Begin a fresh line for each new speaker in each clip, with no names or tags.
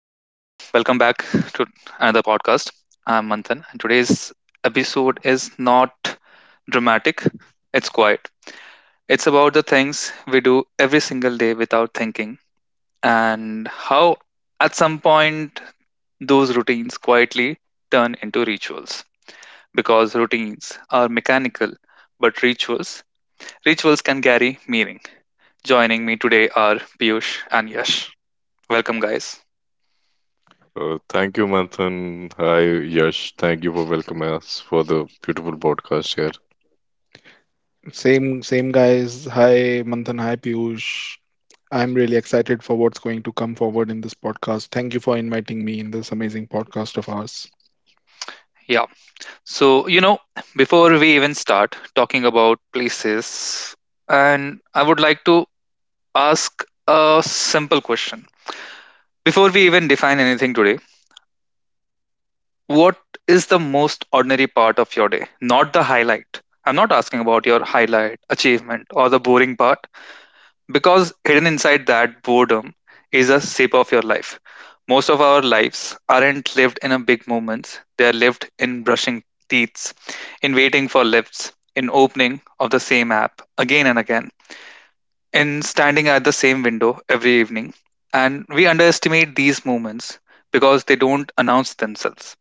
welcome back to another podcast. I'm Manthan, and today's episode is not dramatic, it's quiet. It's about the things we do every single day without thinking, and how at some point those routines quietly turn into rituals. Because routines are mechanical, but rituals, rituals can carry meaning. Joining me today are Piyush and Yash. Welcome, guys.
Thank you, Manthan. Hi, Yash. Thank you for welcoming us for the beautiful podcast here.
Same, same guys. Hi, Manthan. Hi, Piyush. I'm really excited for what's going to come forward in this podcast. Thank you for inviting me in this amazing podcast of ours.
Yeah. So, before we even start talking about places, and I would like to ask a simple question. Before we even define anything today, what is the most ordinary part of your day? Not the highlight. I'm not asking about your highlight, achievement, or the boring part. Because hidden inside that boredom is a sip of your life. Most of our lives aren't lived in a big moments, they are lived in brushing teeth, in waiting for lifts, in opening of the same app again and again, in standing at the same window every evening. And we underestimate these moments because they don't announce themselves.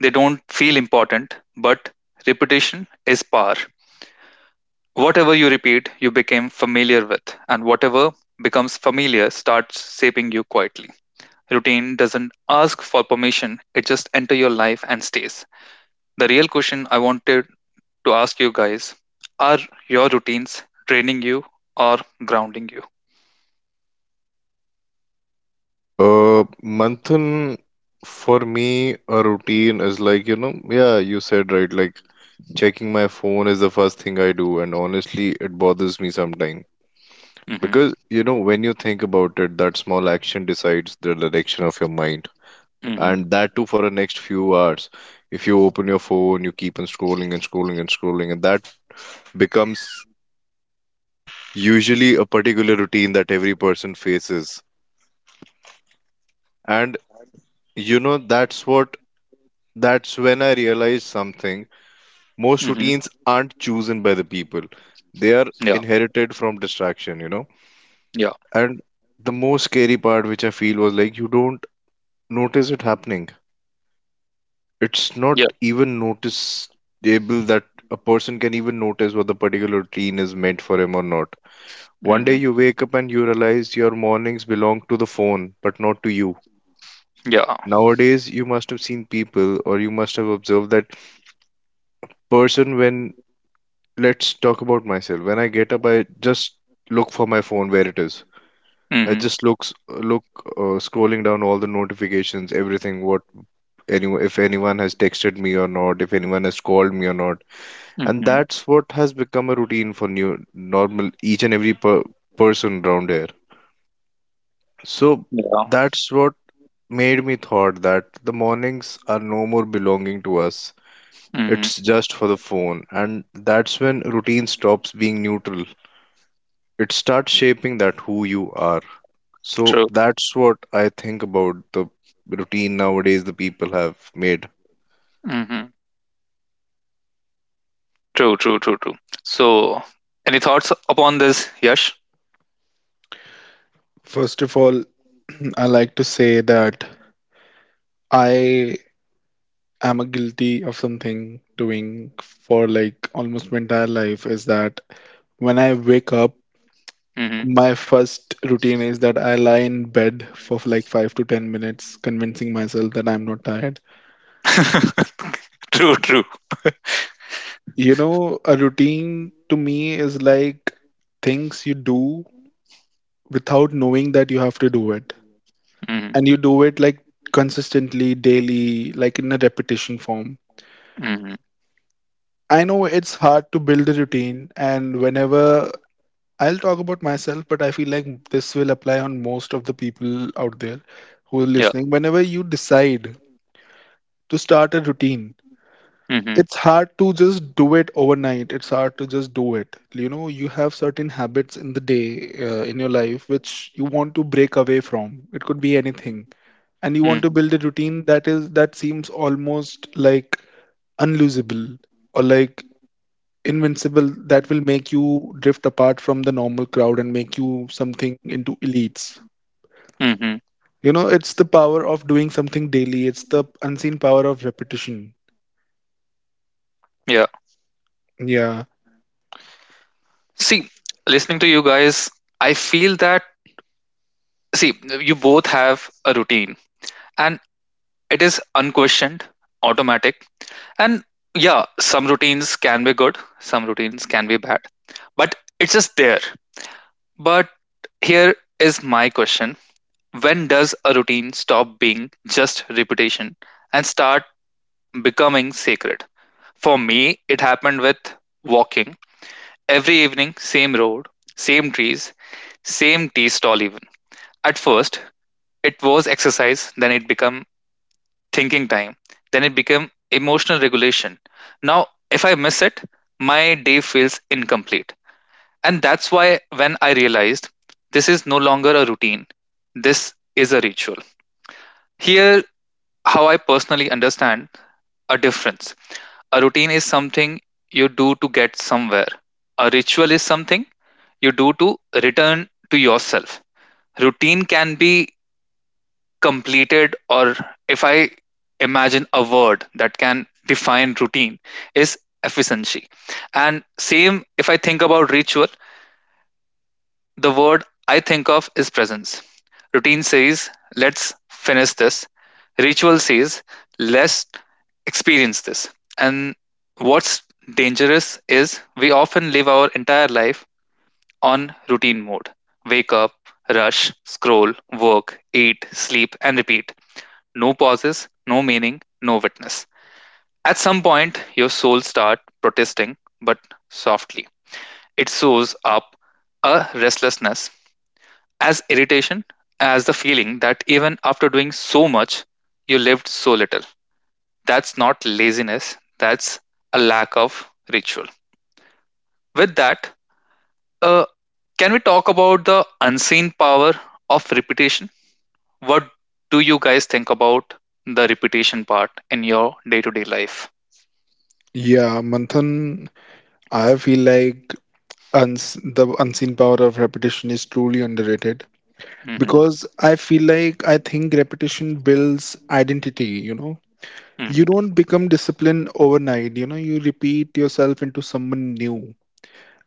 They don't feel important, but repetition is power. Whatever you repeat, you became familiar with, and whatever becomes familiar starts shaping you quietly. Routine doesn't ask for permission, it just enters your life and stays. The real question I wanted to ask you guys are your routines training you or grounding you?
Uh, Manthan, for me, a routine is like, you know, yeah, you said right, like checking my phone is the first thing I do, and honestly, it bothers me sometimes.
Mm-hmm,
Because, you know, when you think about it, that small action decides the direction of your mind,
mm-hmm,
and that too for the next few hours. If you open your phone, you keep on scrolling and scrolling and scrolling, and that becomes usually a particular routine that every person faces. And you know, that's when I realized something.
mm-hmm.
Most routines aren't chosen by the people. They
Yeah,
are inherited from distraction, you know.
yeah,
And the most scary part which I feel was like you don't notice it happening. It's
yeah,
not even noticeable that a person can even notice what the particular routine is meant for him or not.
mm-hmm,
One day you wake up and you realize your mornings belong to the phone, but not to you.
yeah,
Nowadays, you must have seen people or you must have observed that person when, let's talk about myself. When I get up, I just look for my phone where it is.
mm-hmm,
I just looks look scrolling down all the notifications, everything, what anyone, if anyone has texted me or not, if anyone has called me or not. And
mm-hmm,
that's what has become a routine for new normal each and every person around here. So
yeah,
that's what made me thought that the mornings are no more belonging to us.
mm-hmm,
It's just for the phone, and that's when routine stops being neutral. It starts shaping that who you are. So
true,
that's what I think about the routine nowadays the people have made.
mm-hmm, true, true, true, true. So, any thoughts upon this, Yash?
First of all, I like to say that I am a guilty of something doing for like almost my entire life is that when I wake up, my first routine is that I lie in bed for like 5 to 10 minutes, convincing myself that I'm not tired.
True, true.
You know, a routine to me is like things you do without knowing that you have to do it.
Hmm.
And you do it like consistently, daily, like in a repetition form.
Hmm.
I know it's hard to build a routine, and whenever I'll talk about myself, but I feel like this will apply on most of the people out there who are
Yeah.
listening. Whenever you decide to start a routine,
Hmm.
it's hard to just do it overnight, it's hard to just do it you know, you have certain habits in the day, in your life which you want to break away from. It could be anything, and you want to build a routine that seems almost like unlosable or like invincible, that will make you drift apart from the normal crowd and make you something into elites.
Hmm.
You know, it's the power of doing something daily. It's the unseen power of repetition.
Yeah.
Yeah.
See, listening to you guys, I feel that, see, you both have a routine and it is unquestioned, automatic. And yeah, some routines can be good, some routines can be bad, but it's just there. But here is my question: when does a routine stop being just repetition and start becoming sacred? For me, it happened with walking every evening, same road, same trees, same tea stall, even. At first, it was exercise, then it became thinking time, then it became emotional regulation. Now, if I miss it, my day feels incomplete. And that's why when I realized this is no longer a routine, this is a ritual. Here, how I personally understand a difference. A routine is something you do to get somewhere. A ritual is something you do to return to yourself. Routine can be completed, or if I imagine a word that can define routine, is efficiency. And same if I think about ritual, the word I think of is presence. Routine says, let's finish this. Ritual says, let's experience this. And what's dangerous is we often live our entire life on routine mode: wake up, rush, scroll, work, eat, sleep, and repeat. No pauses, no meaning, no witness. At some point, your soul starts protesting, but softly. It soars up a restlessness as irritation as the feeling that even after doing so much, you lived so little. That's not laziness, that's a lack of ritual. With that, uh, can we talk about the unseen power of repetition? What do you guys think about the repetition part in your day to day life?
Yeah, Manthan, I feel like the unseen power of repetition is truly underrated,
Mm-hmm,
because I feel like I think repetition builds identity, you know. You
mm-hmm,
don't become disciplined overnight, you know, you repeat yourself into someone new.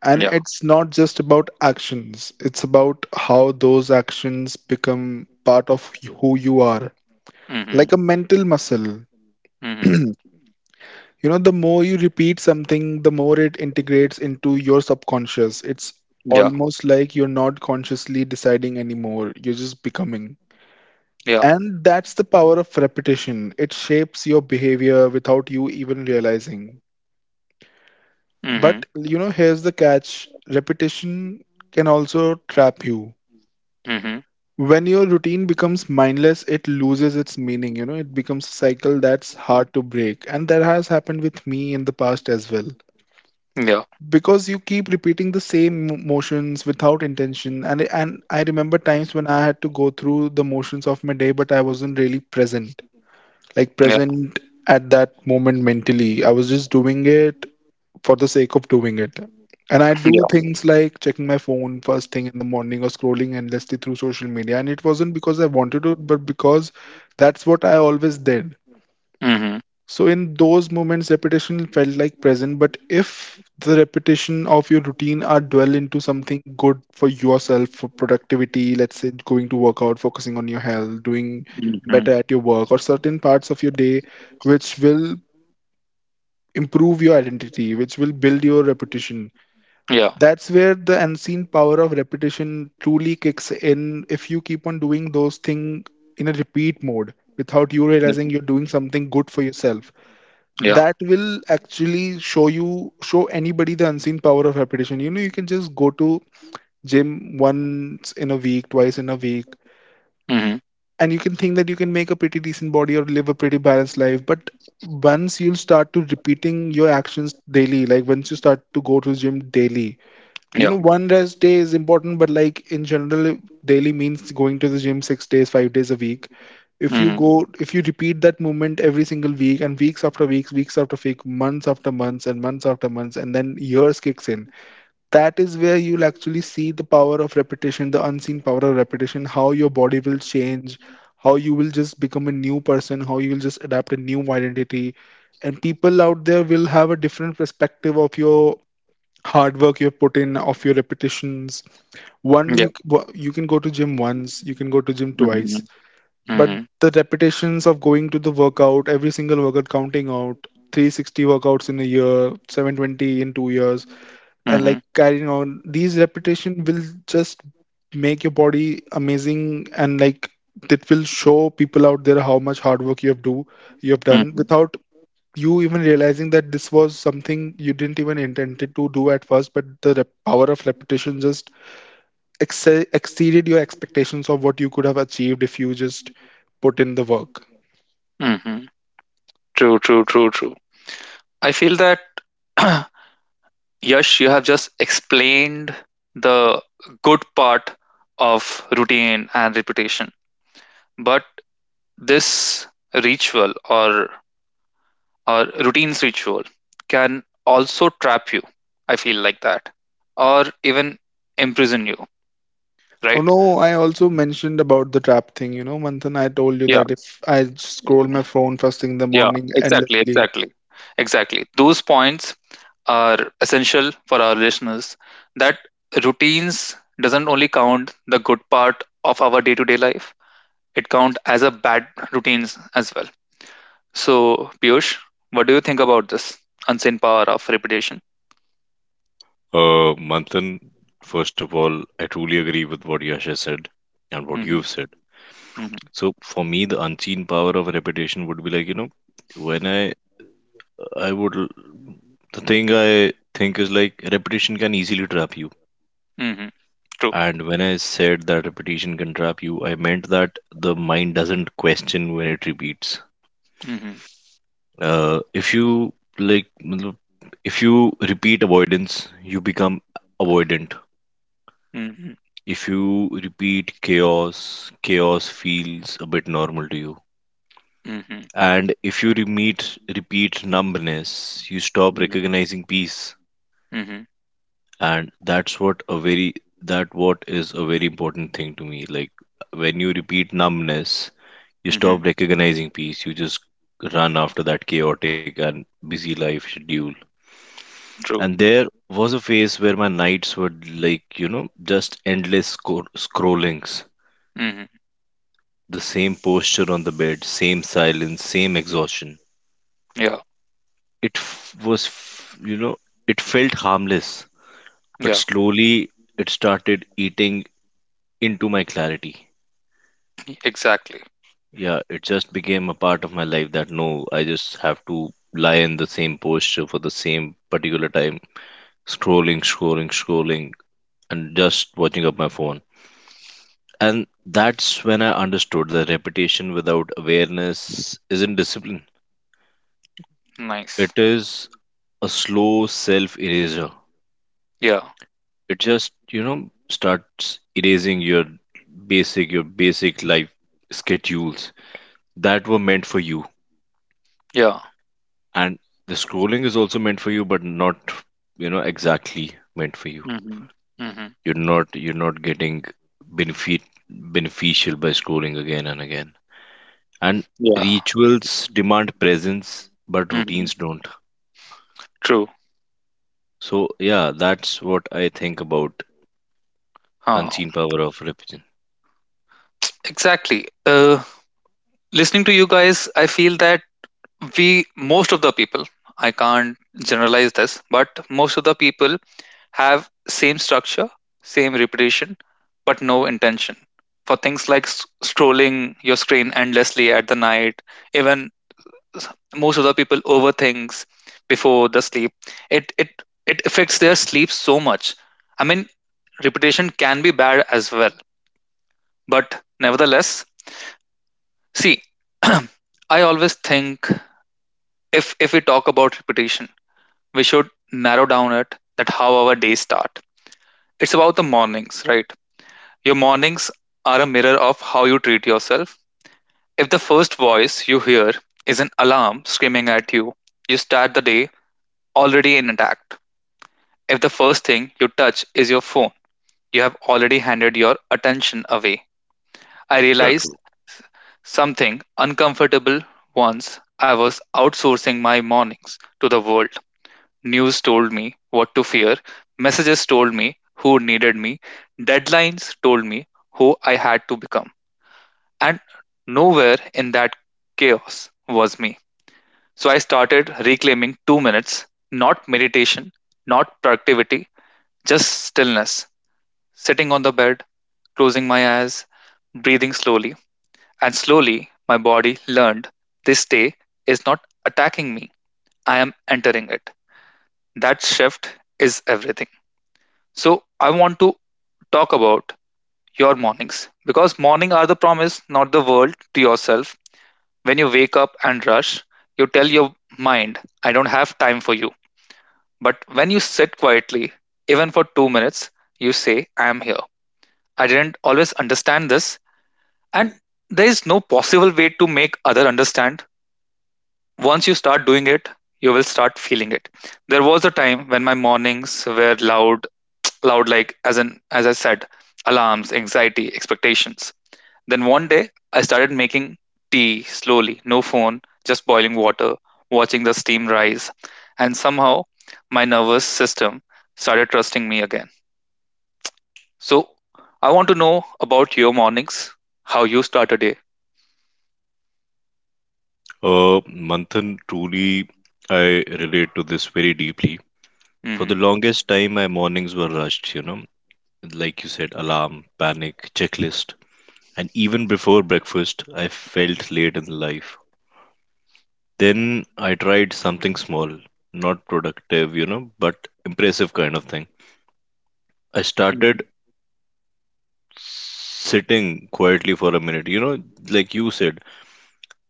And
yeah.
it's not just about actions, it's about how those actions become part of who you are,
Mm-hmm,
like a mental muscle.
mm-hmm,
You know, the more you repeat something, the more it integrates into your subconscious. It's
yeah.
almost like you're not consciously deciding anymore, you're just becoming.
Yeah.
And that's the power of repetition. It shapes your behavior without you even realizing.
Mm-hmm,
But, you know, here's the catch: repetition can also trap you.
mm-hmm,
When your routine becomes mindless, it loses its meaning. You know, it becomes a cycle that's hard to break. And that has happened with me in the past as well,
yeah.
because you keep repeating the same motions without intention. And I remember times when I had to go through the motions of my day, but I wasn't really present. Like
Yeah.
present at that moment mentally, I was just doing it for the sake of doing it. And I do
Yeah.
things like checking my phone first thing in the morning or scrolling endlessly through social media, and it wasn't because I wanted to, but because that's what I always did.
Mm-hmm,
So in those moments, repetition felt like present. But if the repetition of your routine are dwell into something good for yourself, for productivity, let's say going to workout, focusing on your health, doing
mm-hmm,
better at your work, or certain parts of your day which will improve your identity, which will build your repetition.
yeah.
That's where the unseen power of repetition truly kicks in. If you keep on doing those things in a repeat mode without you
Yeah.
realizing, you're doing something good for yourself
Yeah.
that will actually show anybody the unseen power of repetition. You know, you can just go to gym once in a week, twice in a week,
Mm-hmm.
and you can think that you can make a pretty decent body or live a pretty balanced life. But once you'll start to repeating your actions daily, like once you start to go to gym daily, you
Yeah.
know, one rest day is important, but like in general, daily means going to the gym 6 days, 5 days a week.
Mhm.
If you repeat that movement every single week, and weeks after weeks, weeks after week months after months, and then years kicks in, that is where you'll actually see the power of repetition, the unseen power of repetition, how your body will change, how you will just become a new person, how you will just adapt a new identity, and people out there will have a different perspective of your hard work you've put in, of your repetitions. One
Yeah.
you You can go to gym once, you can go to gym
Mhm.
twice, but
Mhm.
the repetitions of going to the workout, every single workout, counting out 360 workouts in a year, 720 in 2 years, and like
Mhm.
carrying on these repetition will just make your body amazing, and like it will show people out there how much hard work you have done
Mhm.
without you even realizing that this was something you didn't even intended to do at first, but the power of repetition just exceeded your expectations of what you could have achieved if you just put in the work.
Mhm. True, true, true, true. I feel that Yash, you have just explained the good part of routine and reputation. But this ritual or routine's ritual can also trap you. I feel like that. Or even imprison you,
Oh
right?
no, I also mentioned about the trap thing. You know, Manthan, I told you
Yeah.
that if I scroll my phone first thing in the
Yeah,
morning
exactly,
endlessly,
exactly, exactly. Those points are essential for our listeners that routines doesn't only count the good part of our day-to-day life, it count as a bad routines as well. So, Piyush, what do you think about this unseen power of repetition?
Manthan, first of all, I truly agree with what Yash has said and what
Mm-hmm,
you've said.
mm-hmm,
So for me, the unseen power of repetition would be like, you know, when I would the thing I think is like repetition can easily trap you.
mm-hmm, true.
And when I said that repetition can trap you, I meant that the mind doesn't question when it repeats.
Mm-hmm,
If you like, matlab, if you repeat avoidance, you become avoidant.
mm-hmm,
If you repeat chaos, chaos feels a bit normal to you.
mm-hmm,
And if you repeat numbness, you stop
mm-hmm,
recognizing peace.
mm-hmm,
And that's what is a very important thing to me. Like when you repeat numbness, you
mm-hmm,
stop recognizing peace, you just run after that chaotic and busy life schedule. And
true.
there was a phase where my nights were like, you know, just endless scrollings.
Mm-hmm,
The same posture on the bed, same silence, same exhaustion.
yeah,
It f- was, f- You know, it felt harmless, but
yeah,
slowly it started eating into my clarity.
exactly.
Yeah, it just became a part of my life that no, I just have to lie in the same posture for the same particular time scrolling, scrolling, scrolling, and just watching up my phone. And that's when I understood that repetition without awareness isn't discipline.
Nice.
It is a slow self eraser.
Yeah,
It just, you know, starts erasing your basic life schedules that were meant for you.
yeah.
And the scrolling is also meant for you, but not, you know, exactly meant for you.
Mm-hmm. Mm-hmm.
You're not getting benefit beneficial by scrolling again and again. And
Yeah.
rituals demand presence but
Hmm.
routines don't.
True.
So yeah, that's what I think about
Uh,
unseen power of religion.
exactly. Listening to you guys, I feel that we, most of the people, I can't generalize this, but most of the people have same structure, same repetition, but no intention for things like scrolling your screen endlessly at the night. Even s- most of the people overthinks before the sleep. It it it affects their sleep so much. I mean, repetition can be bad as well. But nevertheless, see, I always think if we talk about repetition, we should narrow down it that how our days start. It's about the mornings, right? Your mornings are a mirror of how you treat yourself. If the first voice you hear is an alarm screaming at you, you start the day already in intact. If the first thing you touch is your phone, you have already handed your attention away. I realize something uncomfortable once I was outsourcing my mornings to the world. News told me what to fear, messages told me who needed me, deadlines told me who I had to become. And nowhere in that chaos was me. So I started reclaiming 2 minutes, not meditation, not productivity, just stillness, sitting on the bed, closing my eyes, breathing slowly. And slowly, my body learned this day is not attacking me, I am entering it. That shift is everything. So, I want to talk about your mornings because morning are the promise, not the world to yourself. When you wake up and rush, you tell your mind, I don't have time for you. But when you sit quietly, even for 2 minutes, you say, I am here. I didn't always understand this, and there is no possible way to make other understand. Once you start doing it, you will start feeling it. There was a time when my mornings were loud, loud like as in as I said, alarms, anxiety, expectations. Then one day I started making tea slowly, no phone, just boiling water, watching the steam rise, and somehow my nervous system started trusting me again. So I want to know about your mornings, how you start a day.
uh Manthan, truly, I relate to this very deeply. For
Mm-hmm.
the longest time, my mornings were rushed, you know, like you said, alarm, panic, checklist, and even before breakfast I felt late in life. Then I tried something small, not productive, you know, but impressive kind of thing. I started
Mm-hmm.
sitting quietly for a minute. You know, like you said,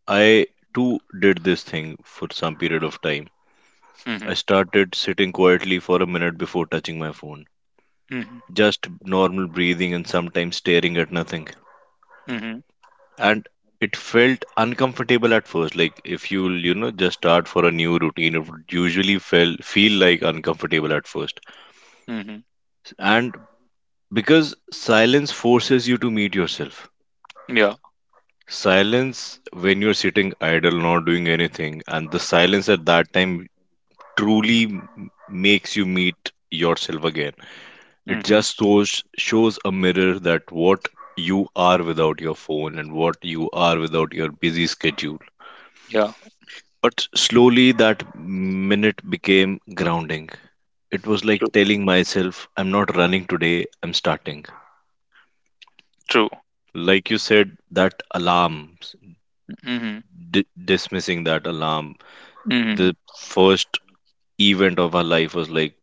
I too did this thing for some period of time. I started sitting quietly for a minute before touching my phone.
Mm-hmm.
Just normal breathing and sometimes staring at nothing.
Mm-hmm.
And it felt uncomfortable at first. Like if you, you know, just start for a new routine, it would usually feel like uncomfortable at first.
Mm-hmm.
And because silence forces you to meet yourself.
Yeah.
Silence when you're sitting idle, not doing anything, and the silence at that time truly makes you meet yourself again. It
Mm-hmm.
just shows a mirror that what you are without your phone and what you are without your busy schedule.
Yeah.
But slowly that minute became grounding. It was like
True.
telling myself, I'm not running today, I'm starting.
True.
Like you said, that alarm,
Hmm.
dismissing that alarm,
Hmm.
the first event of our life was like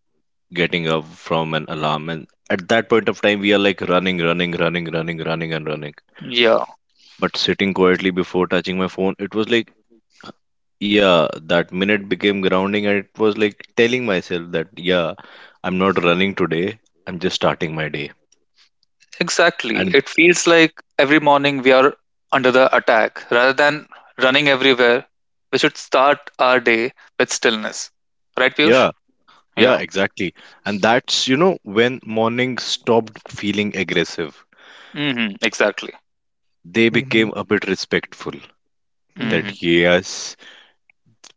getting up from an alarm. And at that point of time, we are like running, running, running, running, running, and running.
Yeah,
But sitting quietly before touching my phone, it was like, yeah, that minute became grounding. And it was like telling myself that, yeah, I'm not running today. I'm just starting my day.
exactly.
And
It feels like every morning we are under the attack. Rather than running everywhere, we should start our day with stillness. Right, Piyush?
yeah,
Yeah.
yeah, exactly. And that's, you know, when morning stopped feeling aggressive.
Hmm. Exactly.
They
mm-hmm.
became a bit respectful,
Mm-hmm.
Hmm.
that yes,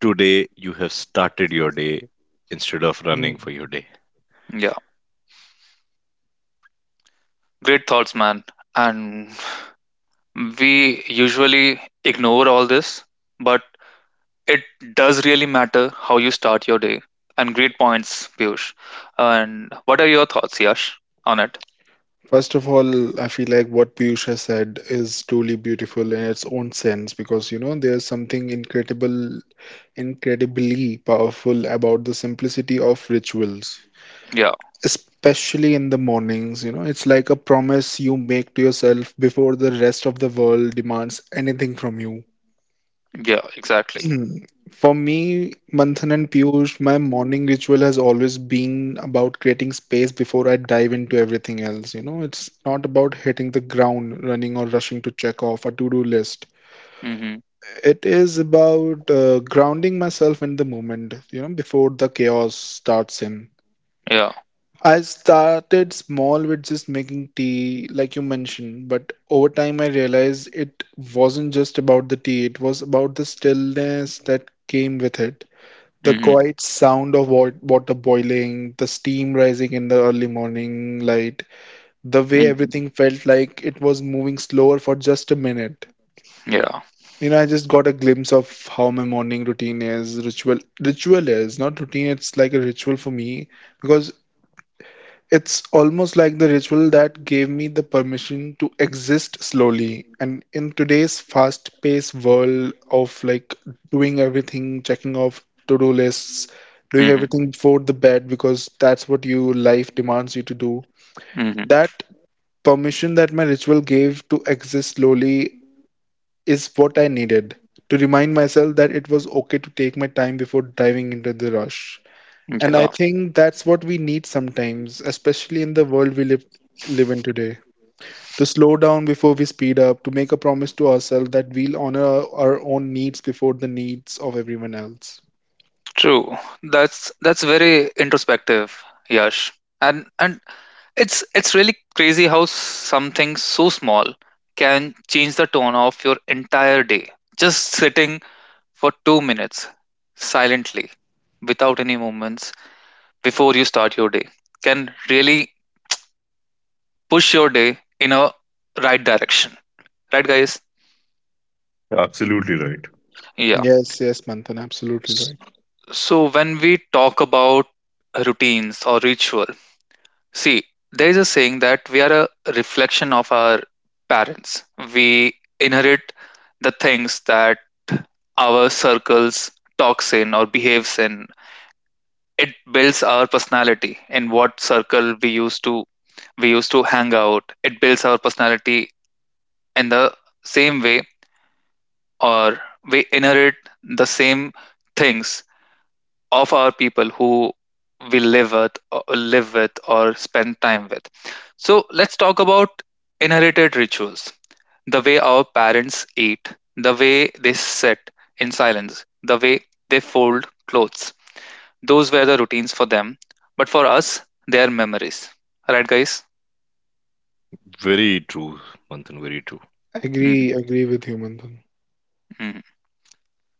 today, you have started your day instead of running for your day.
Yeah. Great thoughts, man. And we usually ignore all this, but it does really matter how you start your day. And great points, Piyush. And what are your thoughts, Yash, on it?
First of all, I feel like what Piyush has said is truly beautiful in its own sense, because, you know, there's something incredibly powerful about the simplicity of rituals,
Yeah.
especially in the mornings. You know, it's like a promise you make to yourself before the rest of the world demands anything from you.
Yeah, exactly.
Hmm. For me, Manthan and Piyush, my morning ritual has always been about creating space before I dive into everything else. You know, it's not about hitting the ground running or rushing to check off a to-do list.
Hmm.
It is about grounding myself in the moment, you know, before the chaos starts in.
Yeah.
I started small with just making tea, like you mentioned, but over time I realized it wasn't just about the tea, it was about the stillness that came with it. The
Hmm.
quiet sound of water boiling, the steam rising in the early morning light, the way
Hmm.
everything felt like it was moving slower for just a minute.
Yeah.
You know, I just got a glimpse of how my morning routine is, ritual, ritual is, not routine, it's like a ritual for me, because it's almost like the ritual that gave me the permission to exist slowly. And in today's fast-paced world of like doing everything, checking off to-do lists, doing
Hmm.
everything before the bed because that's what your life demands you to do.
Hmm.
That permission that my ritual gave to exist slowly is what I needed to remind myself that it was okay to take my time before diving into the rush. And I
Yeah.
think that's what we need sometimes, especially in the world we live in today. To slow down before we speed up, to make a promise to ourselves that we'll honor our own needs before the needs of everyone else.
True. That's very introspective, Yash. And it's really crazy how something so small can change the tone of your entire day. Just sitting for 2 minutes silently, without any movements, before you start your day, can really push your day in a right direction. Right, guys?
Absolutely right.
Yeah.
Yes, yes, Manthan, absolutely right.
So when we talk about routines or ritual, see, there is a saying that we are a reflection of our parents. We inherit the things that our circles talks in or behaves in. It builds our personality in what circle we used to hang out. It builds our personality in the same way or we inherit the same things of our people who we live with or spend time with. So let's talk about inherited rituals: the way our parents eat, the way they sit in silence, the way they fold clothes. Those were the routines for them, but for us they are memories, right, guys?
Very true, very true.
Agree,
Hmm.
agree with you, Manthan.
Hmm.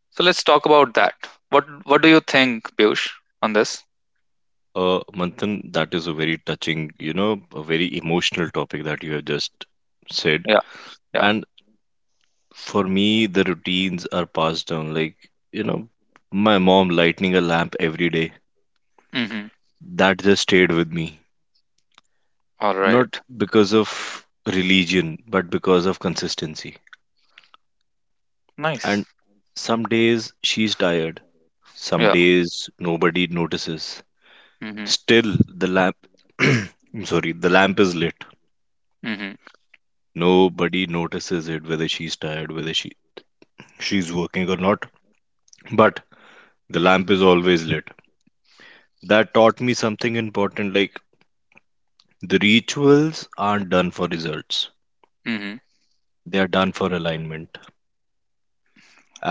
So let's talk about that. What do you think, Piyush, on this?
Manthan, that is a very touching, you know, a very emotional topic that you have just said.
Yeah. Yeah.
And for me, the routines are passed down. Like, you know, my mom lighting a lamp every day,
Mm-hmm.
that just stayed with me.
All
Not
right.
because of religion, but because of consistency.
Nice.
And some days she's tired. Some
Yeah.
days nobody notices.
Mm-hmm.
Still, the lamp, I'm sorry, the lamp is lit. Nobody notices it, whether she's tired, whether she's working or not. But the lamp is always lit. That taught me something important. Like the rituals aren't done for results;
Mm-hmm.
they are done for alignment.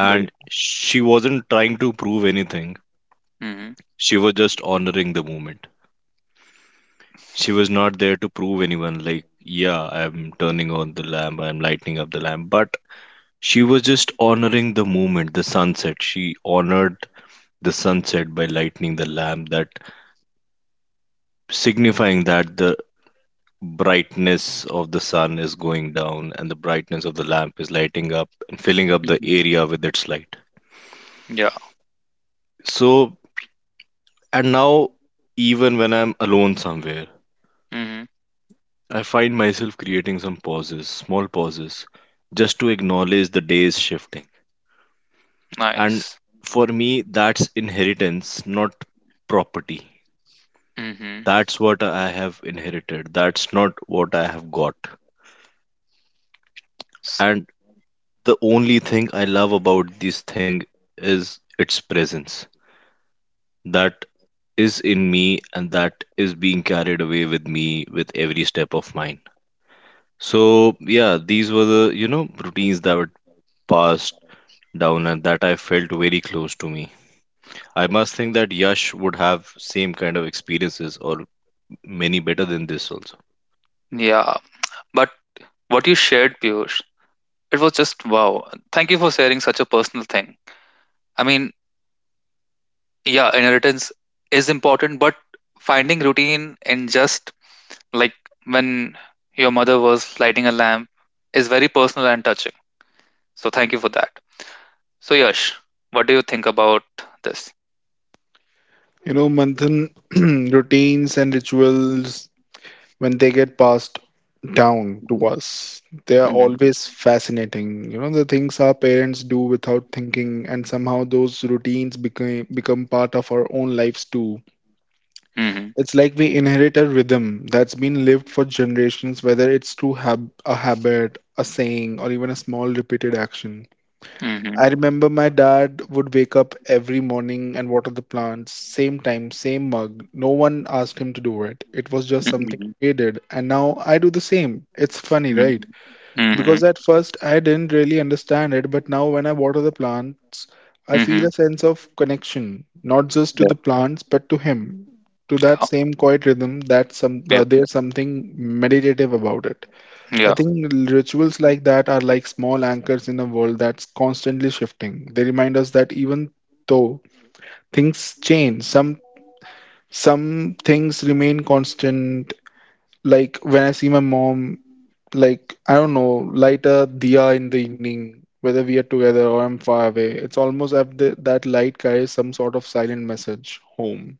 Great.
she wasn't trying to prove anything.
Mhm.
She was just honoring the moment. She was not there to prove anyone. Like, yeah, I'm turning on the lamp. I'm lighting up the lamp. But she was just honoring the moment, the sunset. She honored the sunset by lighting the lamp, that signifying that the brightness of the sun is going down and the brightness of the lamp is lighting up and filling up the
Mhm.
area with its light.
Yeah.
So, and now, even when I'm alone somewhere,
Mhm.
I find myself creating some pauses, small pauses, just to acknowledge the day's shifting. And
Nice.
for me, that's inheritance, not property.
Mhm.
That's what I have inherited. That's not what I have got. And the only thing I love about this thing is its presence. That is in me and that is being carried away with me with every step of mine. So, yeah, these were the, you know, routines that were passed down and that I felt very close to me. I must think that Yash would have same kind of experiences or many better than this also.
Yeah. But what you shared, Piyush, it was just wow. Thank you for sharing such a personal thing. I mean, yeah, inheritance is important, but finding routine in just like when your mother was lighting a lamp is very personal and touching. So thank you for that. So Yash, what do you think about this?
You know, Manthan, routines and rituals when they get passed down to
Mhm.
us. They are
Mhm.
always fascinating. You know, the things our parents do without thinking, and somehow those routines become part of our own lives too.
Mhm.
It's like we inherit a rhythm that's been lived for generations, whether it's through a habit, a saying, or even a small repeated action.
Mhm.
I remember my dad would wake up every morning and water the plants, same time, same mug. No one asked him to do it. It was just something
Mhm.
he did, and now I do the same. It's funny, right?
Mhm. Mhm.
Because at first I didn't really understand it, but now when I water the plants, I feel
Mhm.
a sense of connection, not just to the plants, but to him, to that
Yeah.
same quiet rhythm. That some
Yeah.
there's something meditative about it. I
Yeah,
think rituals like that are like small anchors in a world that's constantly shifting. They remind us that even though things change, some things remain constant. Like when I see my mom, like I don't know, light a diya in the evening, whether we are together or I'm far away. It's almost as if that light carries some sort of silent message home.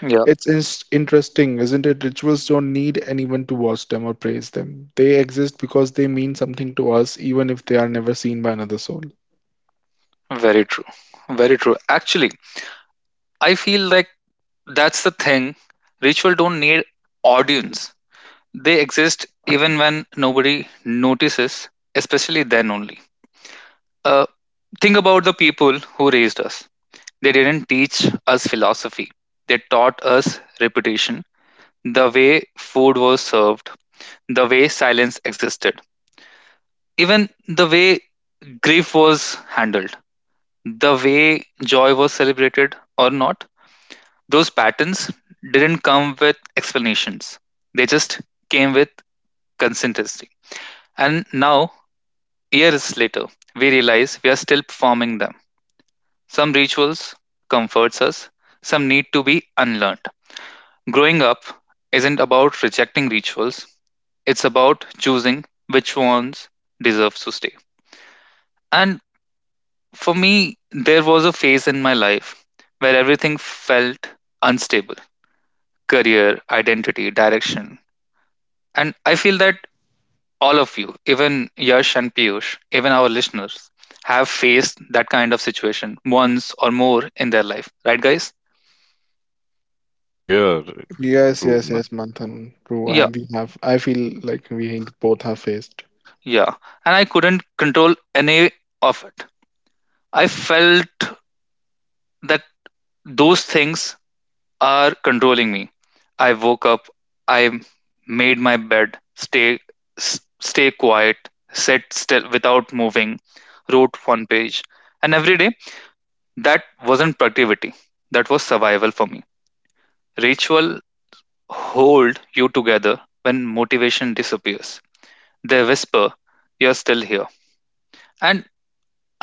yeah,
It's interesting, isn't it? Rituals don't need anyone to watch them or praise them. They exist because they mean something to us, even if they are never seen by another soul.
very true. Very true. Actually, I feel like that's the thing. Ritual don't need audience. They exist even when nobody notices, especially then only. Uh, think about the people who raised us. They didn't teach us philosophy. They taught us repetition, the way food was served, the way silence existed, even the way grief was handled, the way joy was celebrated or not. Those patterns didn't come with explanations. They just came with consistency. And now, years later, we realize we are still performing them. Some rituals comforts us, some need to be unlearned. Growing up isn't about rejecting rituals, it's about choosing which ones deserve to stay. And for me, there was a phase in my life where everything felt unstable: career, identity, direction. And I feel that all of you, even Yash and Piyush, even our listeners, have faced that kind of situation once or more in their life, right, guys?
Yeah, r-
Yes,
True,
yes, yes,
man.
Manthan. True.
Yeah,
We have. I feel like we both have faced.
yeah. And I couldn't control any of it. I felt that those things are controlling me. I woke up, I made my bed, stay quiet, sit still without moving, wrote one page, and every day. That wasn't productivity, that was survival for me. Ritual hold you together when motivation disappears. They whisper, you're still here. And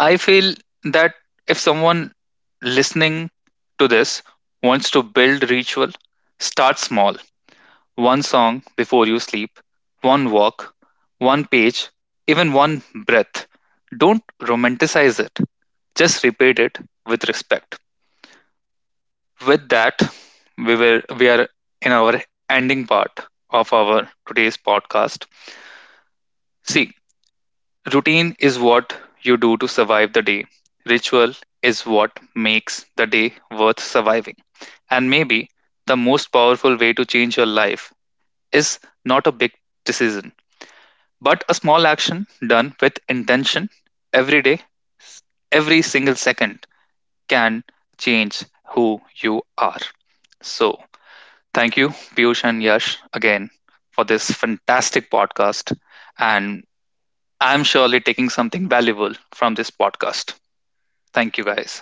I feel that if someone listening to this wants to build ritual, start small: one song before you sleep, one walk, one page, even one breath. Don't romanticize it, just repeat it with respect. With that, we are in our ending part of our today's podcast. See, routine is what you do to survive the day. Ritual is what makes the day worth surviving. And maybe the most powerful way to change your life is not a big decision, but a small action done with intention every day, s- every single second can change who you are. So, thank you, Piyush and Yash, again for this fantastic podcast. And I'm surely taking something valuable from this podcast. Thank you, guys.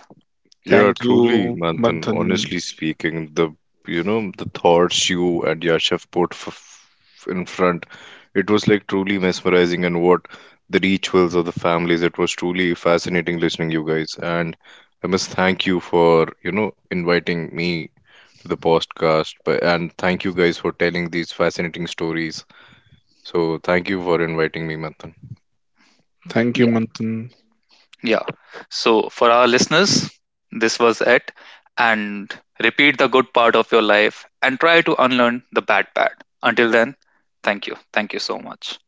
Yeah,
Thank
truly,
you,
Manthan,
Manthan.
honestly speaking, the you know the thoughts you and Yashav put in front, it was like truly mesmerizing, and what the rituals of the families, it was truly fascinating listening you guys. And I must thank you for you know inviting me to the podcast, but and thank you guys for telling these fascinating stories. So thank you for inviting me, Manthan.
Thank you,
Yeah.
Manthan.
Yeah. So, for our listeners, this was it. And repeat the good part of your life and try to unlearn the bad part. Until then, thank you. Thank you so much.